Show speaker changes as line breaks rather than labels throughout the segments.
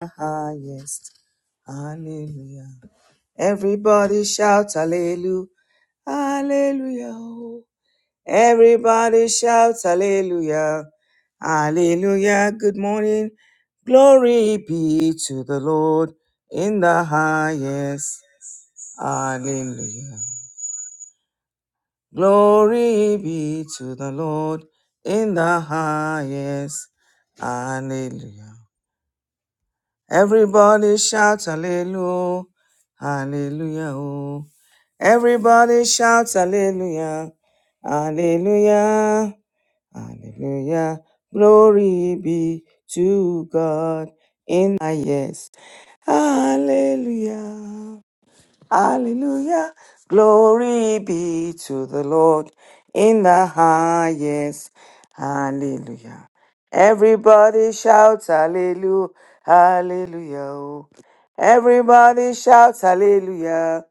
the highest. Hallelujah. Everybody shout hallelujah. Hallelujah. Everybody shout hallelujah. Hallelujah. Good morning. Glory be to the Lord in the highest. Hallelujah. Glory be to the Lord in the highest. Hallelujah. Everybody shout hallelujah, hallelujah, oh. Everybody shout hallelujah, hallelujah, hallelujah. Glory be to God. Ah, yes. Hallelujah. Hallelujah. Glory be to the Lord in the highest. Hallelujah. Everybody shouts hallelujah. Hallelujah. oh. Everybody shouts hallelujah.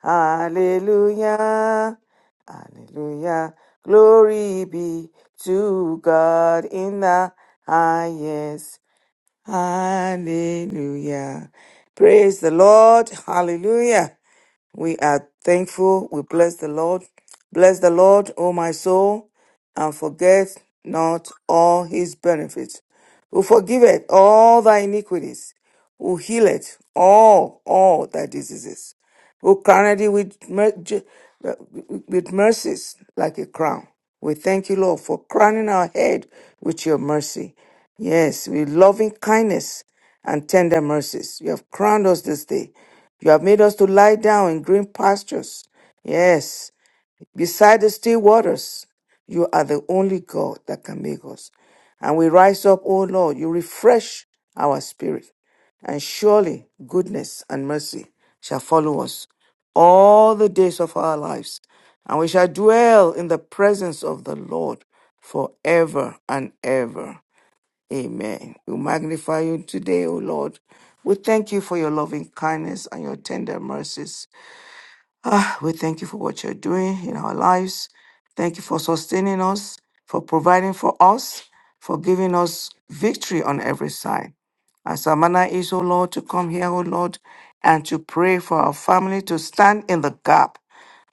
Hallelujah. Hallelujah. Glory be to God in the highest. Hallelujah. Praise the Lord. Hallelujah. We are thankful. We bless the Lord. Bless the Lord, O my soul, and forget not all his benefits, who forgiveth all thy iniquities, who healeth all, all thy diseases, who crowned thee with, mer- ju- with mercies like a crown. We thank you, Lord, for crowning our head with your mercy. Yes, with loving kindness and tender mercies. You have crowned us this day. You have made us to lie down in green pastures. Yes, beside the still waters. You are the only God that can make us. And we rise up, O Lord, you refresh our spirit. And surely goodness and mercy shall follow us all the days of our lives. And we shall dwell in the presence of the Lord forever and ever. Amen. We magnify you today, O Lord. We thank you for your loving kindness and your tender mercies. Ah, We thank you for what you're doing in our lives. Thank you for sustaining us, for providing for us, for giving us victory on every side. As our manner is, O Lord, to come here, O Lord, and to pray for our family to stand in the gap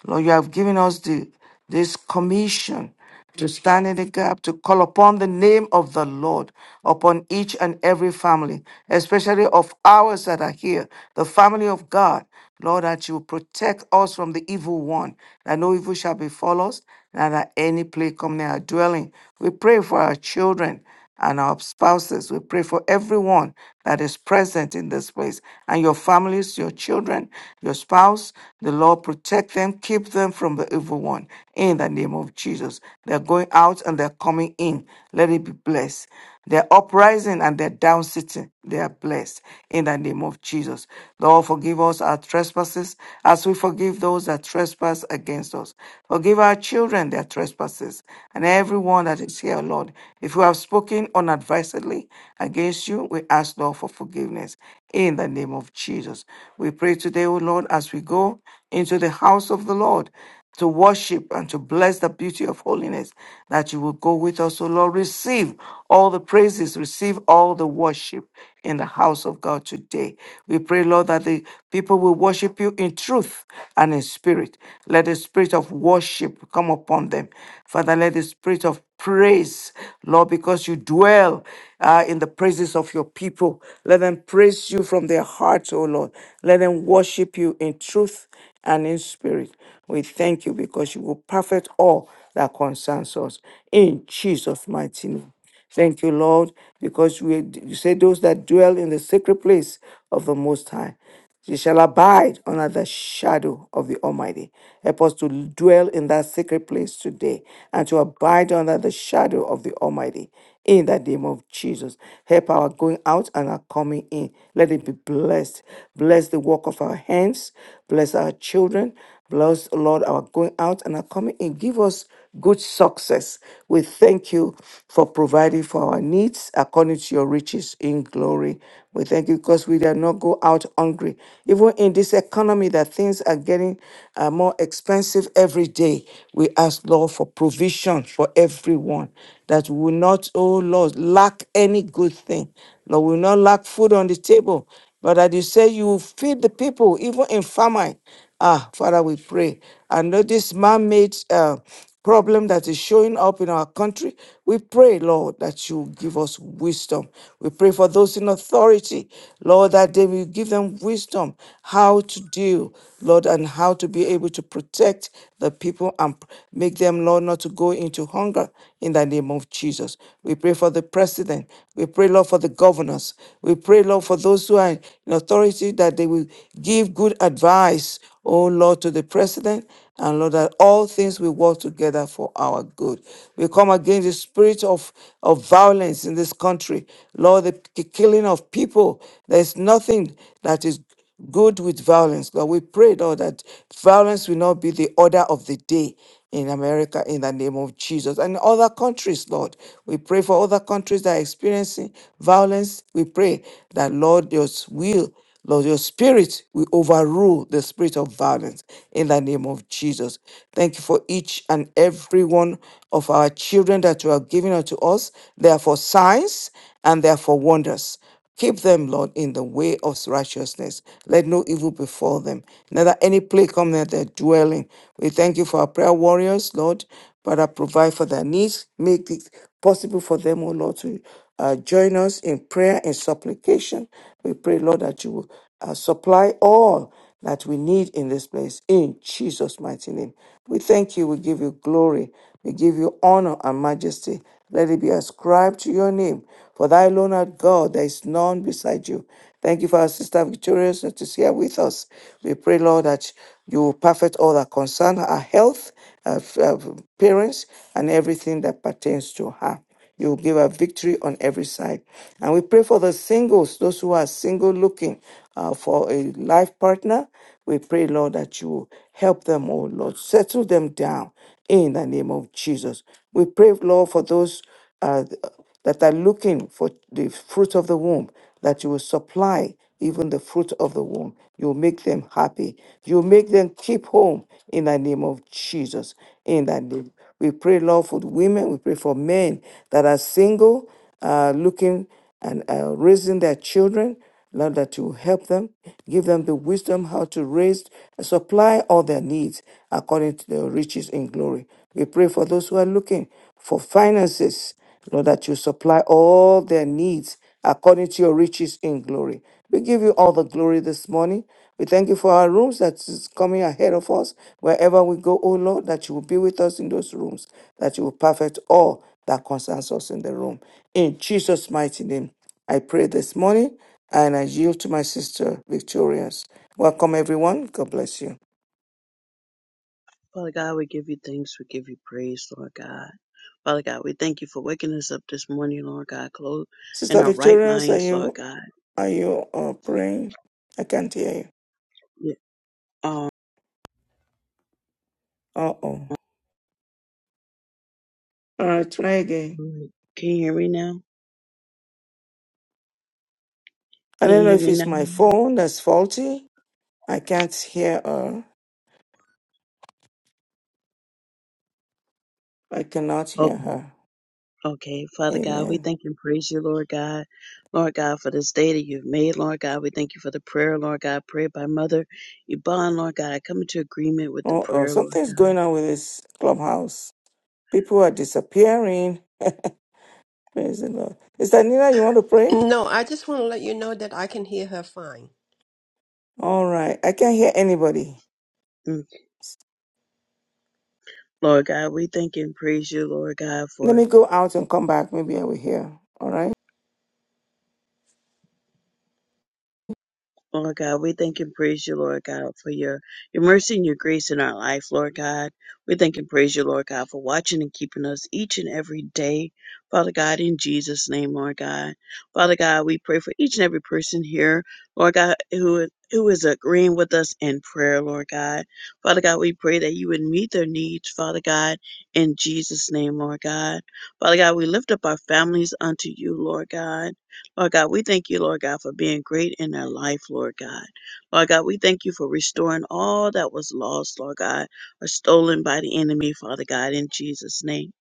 Lord, you have given us the, this commission to stand in the gap, to call upon the name of the Lord upon each and every family, especially of ours that are here, the family of God. Lord, that you protect us from the evil one, that no evil shall befall us, and that any plague come near our dwelling. We pray for our children and our spouses. We pray for everyone that is present in this place and your families, your children, your spouse. The Lord protect them, keep them from the evil one in the name of Jesus. They're going out and they're coming in. Let it be blessed. Their uprising and their down sitting, they are blessed in the name of Jesus. Lord, forgive us our trespasses as we forgive those that trespass against us. Forgive our children their trespasses and everyone that is here, Lord. If we have spoken unadvisedly against you, we ask, Lord, for forgiveness in the name of Jesus. We pray today, O Lord, as we go into the house of the Lord to worship and to bless the beauty of holiness that you will go with us, O Lord. Receive all the praises, receive all the worship in the house of God today. We pray, Lord, that the people will worship you in truth and in spirit. Let the spirit of worship come upon them. Father, let the spirit of praise, Lord, because you dwell uh, in the praises of your people. Let them praise you from their hearts, O Lord. Let them worship you in truth and in spirit. We thank you because you will perfect all that concerns us. In Jesus' mighty name. Thank you, Lord, because we, you say those that dwell in the secret place of the Most High, she shall abide under the shadow of the Almighty. Help us to dwell in that secret place today and to abide under the shadow of the Almighty. In the name of Jesus, help our going out and our coming in. Let it be blessed blessed. Bless the work of our hands. Bless our children. Bless, Lord, our going out and our coming in. Give us good success. We thank you for providing for our needs according to your riches in glory. We thank you because we did not go out hungry. Even in this economy that things are getting uh, more expensive every day, we ask, Lord, for provision for everyone that we will not, oh Lord, lack any good thing. Lord, we will not lack food on the table but that you say you will feed the people, even in famine. Ah, Father, we pray. And know this man made uh, problem that is showing up in our country. We pray, Lord, that you give us wisdom. We pray for those in authority, Lord, that they will give them wisdom how to deal, Lord, and how to be able to protect the people and make them, Lord, not to go into hunger in the name of Jesus. We pray for the president president. We pray, Lord, for the governors. We pray, Lord, for those who are in authority that they will give good advice, oh Lord, to the president. And Lord, that all things will work together for our good. We come against the spirit of, of violence in this country. Lord, the k- killing of people. There's nothing that is good with violence. Lord, we pray, Lord, that violence will not be the order of the day in America in the name of Jesus. And other countries, Lord, we pray for other countries that are experiencing violence. We pray that, Lord, your will. Lord, your spirit will overrule the spirit of violence in the name of Jesus. Thank you for each and every one of our children that you have given unto us. They are for signs and they are for wonders. Keep them, Lord, in the way of righteousness. Let no evil befall them, neither any plague come near their dwelling. We thank you for our prayer warriors, Lord. Father, provide for their needs. Make it possible for them, O Lord, to uh, join us in prayer and supplication. We pray, Lord, that you will uh, supply all that we need in this place. In Jesus' mighty name. We thank you. We give you glory. We give you honor and majesty. Let it be ascribed to your name, for thou alone art God, there is none beside you. Thank you for our sister Victorious that is here with us. We pray, Lord, that you will perfect all that concern her health, her, her parents, and everything that pertains to her. You will give her victory on every side. And we pray for the singles, those who are single looking uh, for a life partner. We pray, Lord, that you will help them, oh Lord, settle them down in the name of Jesus. We pray, Lord, for those. uh, that are looking for the fruit of the womb, that you will supply even the fruit of the womb. You'll make them happy. You'll make them keep home in the name of Jesus. In that name. We pray, Lord, for the women. We pray for men that are single, uh, looking and uh, raising their children. Lord, that you help them, give them the wisdom how to raise, and supply all their needs according to their riches in glory. We pray for those who are looking for finances Lord, that you supply all their needs according to your riches in glory. We give you all the glory this morning. We thank you for our rooms that is coming ahead of us. Wherever we go, oh Lord, that you will be with us in those rooms, that you will perfect all that concerns us in the room. In Jesus' mighty name, I pray this morning and I yield to my sister Victorious. Welcome everyone. God bless you.
Father God, we give you thanks. We give you praise, Lord God. Father God, we thank you for waking us up this morning, Lord God, clothed in
Sister
our right
Victorious, are
minds, Lord
you
God.
are you uh, praying? I can't hear you.
Yeah. Um,
Uh oh. All right, try again.
can you hear me now?
I
Can
don't know
you hear
if
me
it's
now?
my phone that's faulty. I can't hear her. I cannot hear
Okay.
her.
Okay. Father God, we
Amen.
thank and praise you, Lord God. Lord God, for this day that you've made, Lord God. We thank you for the prayer, Lord God, prayed by Mother Yvonne, Lord God. I come into agreement with the
Oh, oh,
prayer, Lord
something's
God.
going on with this clubhouse. People are disappearing. Praise the Lord. Is that Nina? You want to pray?
No, I just want to let you know that I can hear her fine.
All right. I can't hear anybody.
Mm. Lord God, we thank and praise you, Lord God,
Let
for
me go out and come back. Maybe I will hear. All right.
Oh Lord God, we thank and praise you, Lord God, for your, your mercy and your grace in our life, Lord God. We thank and praise you, Lord God, for watching and keeping us each and every day, Father God, in Jesus' name, Lord God. Father God, we pray for each and every person here, Lord God, who who is agreeing with us in prayer, Lord God. Father God, we pray that you would meet their needs, Father God, in Jesus' name, Lord God. Father God, we lift up our families unto you, Lord God. Lord God, we thank you, Lord God, for being great in their life, Lord God. Lord God, we thank you for restoring all that was lost, Lord God, or stolen by the enemy, Father God, in Jesus' name.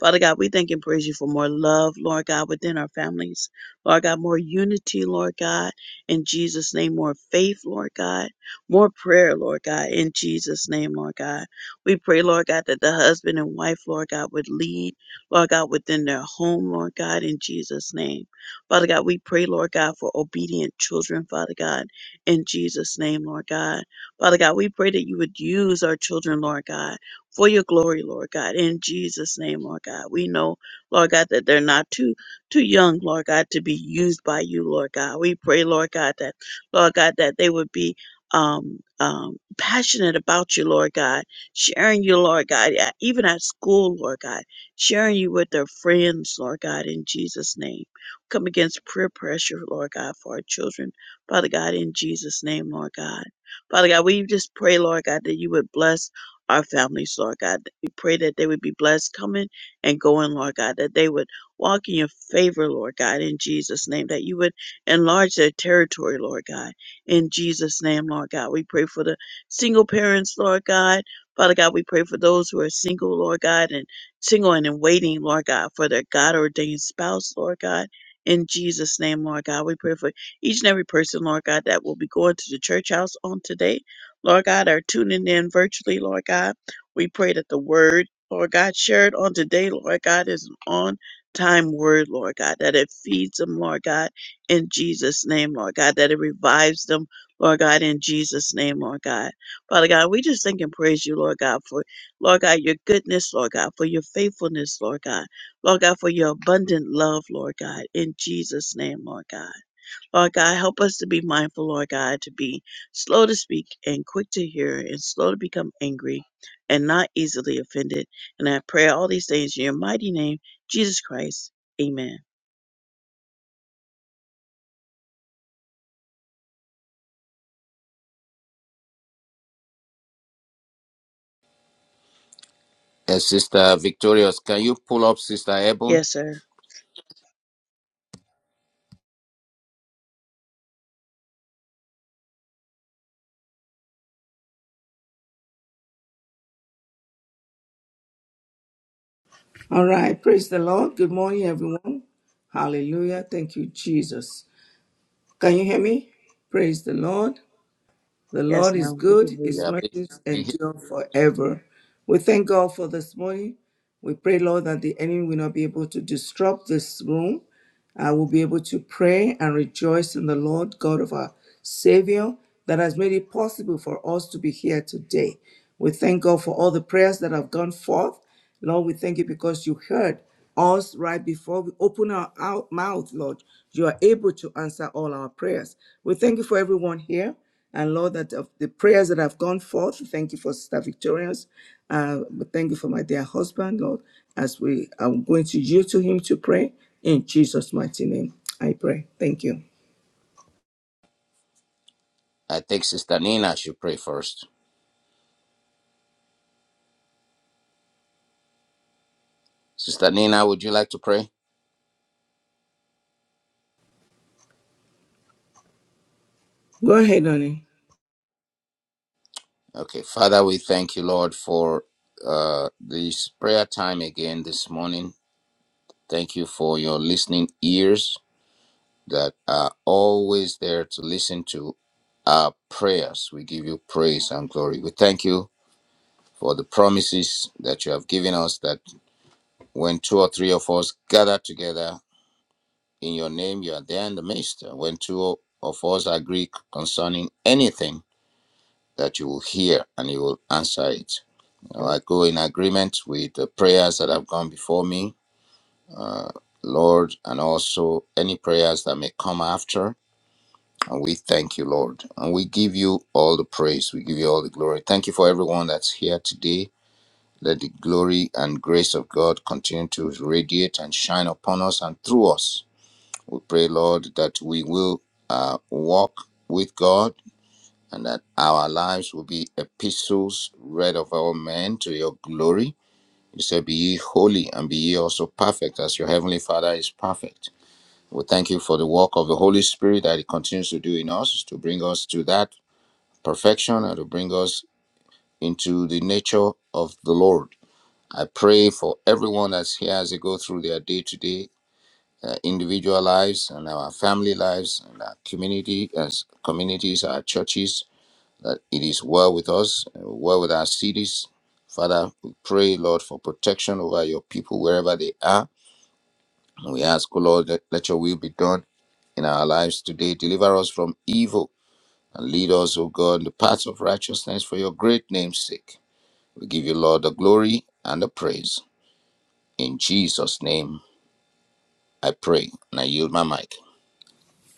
Father God, we thank and praise you for more love, Lord God, within our families. Lord God, more unity, Lord God, in Jesus' name, more faith, Lord God, more prayer, Lord God, in Jesus' name, Lord God. We pray, Lord God, that the husband and wife, Lord God, would lead, Lord God, within their home, Lord God, in Jesus' name. Father God, we pray, Lord God, for obedient children, Father God, in Jesus' name, Lord God. Father God, we pray that you would use our children, Lord God, for your glory, Lord God, in Jesus' name, Lord God. We know, Lord God, that they're not too too young, Lord God, to be used by you, Lord God. We pray, Lord God, that Lord God, that they would be um um passionate about you lord god sharing you lord god yeah, even at school lord god sharing you with their friends lord god in jesus name Come against prayer pressure, Lord God, for our children. Father God, in Jesus' name, Lord God. Father God, we just pray, Lord God, that you would bless our families, Lord God. We pray that they would be blessed coming and going, Lord God, that they would walk in your favor, Lord God, in Jesus' name, that you would enlarge their territory, Lord God, in Jesus' name, Lord God. We pray for the single parents, Lord God. Father God, we pray for those who are single, Lord God, and single and in waiting, Lord God, for their God ordained spouse, Lord God in Jesus' name, Lord God, we pray for each and every person, Lord God, that will be going to the church house on today. Lord God, are tuning in virtually, Lord God. We pray that the word, Lord God, shared on today, Lord God, is an on time word, Lord God, that it feeds them, Lord God, in Jesus' name, Lord God, that it revives them, Lord God, in Jesus' name, Lord God. Father God, we just thank and praise you, Lord God, for, Lord God, your goodness, Lord God, for your faithfulness, Lord God. Lord God, for your abundant love, Lord God, in Jesus' name, Lord God. Lord God, help us to be mindful, Lord God, to be slow to speak and quick to hear and slow to become angry and not easily offended. And I pray all these things in your mighty name, Jesus Christ. Amen.
Uh, Sister Victorious, can you pull up Sister Ebon?
Yes, sir.
All right. Praise the Lord. Good morning, everyone. Hallelujah. Thank you, Jesus. Can you hear me? Praise the Lord. The
Yes,
Lord is
now we
good.
can hear
His
you.
Yeah, we,
mercies
we hear-
endure forever. We thank God for this morning. We pray, Lord, that the enemy will not be able to disrupt this room. I will be able to pray and rejoice in the Lord God of our Savior that has made it possible for us to be here today. We thank God for all the prayers that have gone forth. Lord, we thank you because you heard us right before we open our, our mouth, Lord. You are able to answer all our prayers. We thank you for everyone here. And Lord, that of the prayers that have gone forth, thank you for Sister Victorious. Uh, thank you for my dear husband, Lord, as we are going to yield to him to pray. In Jesus' mighty name, I pray. Thank you.
I think Sister Nina should pray first. Sister Nina, would you like to pray?
Go ahead, honey.
Okay, Father, we thank you, Lord, for uh, this prayer time again this morning. Thank you for your listening ears that are always there to listen to our prayers. We give you praise and glory. We thank you for the promises that you have given us that when two or three of us gather together, in your name, you are there in the midst. When two of us agree concerning anything that you will hear and you will answer it. You I go in agreement with the prayers that have gone before me, uh, Lord, and also any prayers that may come after. And we thank you, Lord. And we give you all the praise. We give you all the glory. Thank you for everyone that's here today. Let the glory and grace of God continue to radiate and shine upon us and through us We pray, Lord, that we will uh, walk with God and that our lives will be epistles read of all men to your glory. You said, Be ye holy and be ye also perfect, as your heavenly Father is perfect. We thank you for the work of the Holy Spirit that He continues to do in us to bring us to that perfection and to bring us into the nature of the Lord. I pray for everyone that's here as they go through their day to day. uh, individual lives and our family lives and our community as communities, our churches, that it is well with us, uh, well with our cities. Father, we pray, Lord, for protection over your people wherever they are. And we ask, O Lord, that let your will be done in our lives today. Deliver us from evil and lead us, O God, in the paths of righteousness for your great name's sake. We give you, Lord, the glory and the praise. In Jesus' name, I pray. And I yield my mic.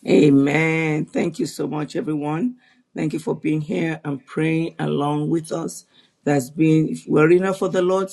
Amen. Thank you so much, everyone. Thank you for being here and praying along with us. That's been, if we're enough for the Lord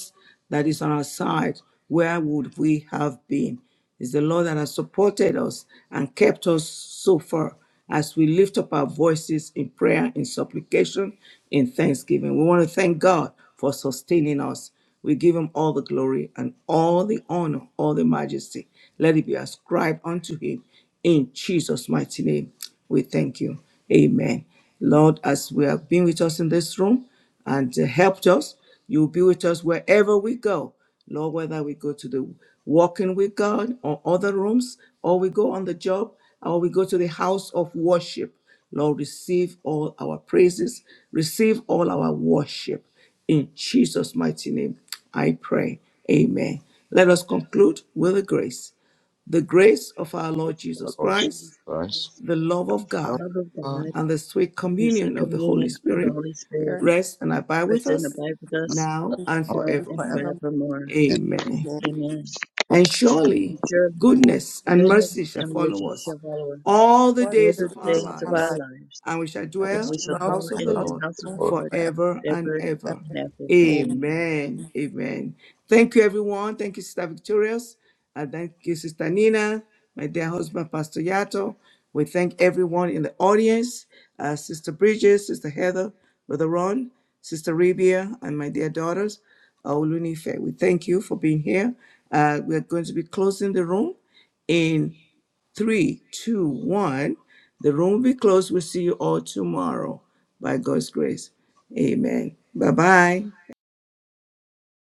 that is on our side, where would we have been? It's the Lord that has supported us and kept us so far as we lift up our voices in prayer, in supplication, in thanksgiving. We want to thank God for sustaining us. We give him all the glory and all the honor, all the majesty. Let it be ascribed unto him. In Jesus' mighty name, we thank you. Amen. Lord, as we have been with us in this room and uh, helped us, you'll be with us wherever we go. Lord, whether we go to the walking with God or other rooms, or we go on the job, or we go to the house of worship. Lord, receive all our praises, receive all our worship. In Jesus' mighty name, I pray. Amen. Let us conclude with a grace. The grace of our Lord
Yes, Lord
Our
Jesus
Lord Jesus
Christ,
Jesus
Christ.
Christ,
the love of
the
Lord
God,
love of
God,
God,
and the sweet
and the
communion
sweet
of the Holy
communion of the
reach
Spirit
Holy Spirit,
Spirit
rest and abide with
rest and
us
abide with us
now
is
and
out
now
and
and
forevermore.
forevermore.
forevermore.
and
Amen.
Amen.
Amen.
touch
And surely
Sure.
Goodness
goodness and
us,
goodness
mercy shall
and
and
mercy
follow
mercy
are
us
shall follow us
all the
all
all
days
the
the
of our
touch
days of
days of
our
us,
our
lives
life.
lives,
and we shall
I
and
wish
dwell
we
in
shall
you
the
all
dwell
house
the
of the
touch
in
house
Lord
the house
us,
of the
of the
Lord
Lord.
Lord
forever and
ever
ever.
and
forever.
ever.
Amen.
Amen.
Amen. Amen. Thank you, everyone. Thank you, Sister Victorious. And thank you, Sister Nina, my dear husband, Pastor Yato. We thank everyone in the audience, uh, Sister Bridges, Sister Heather, Brother Ron, Sister Rebia, and my dear daughters, uh, Olunife. We thank you for being here. Uh, we are going to be closing the room in three, two, one. The room will be closed. We'll see you all tomorrow by God's grace. Amen. Bye bye.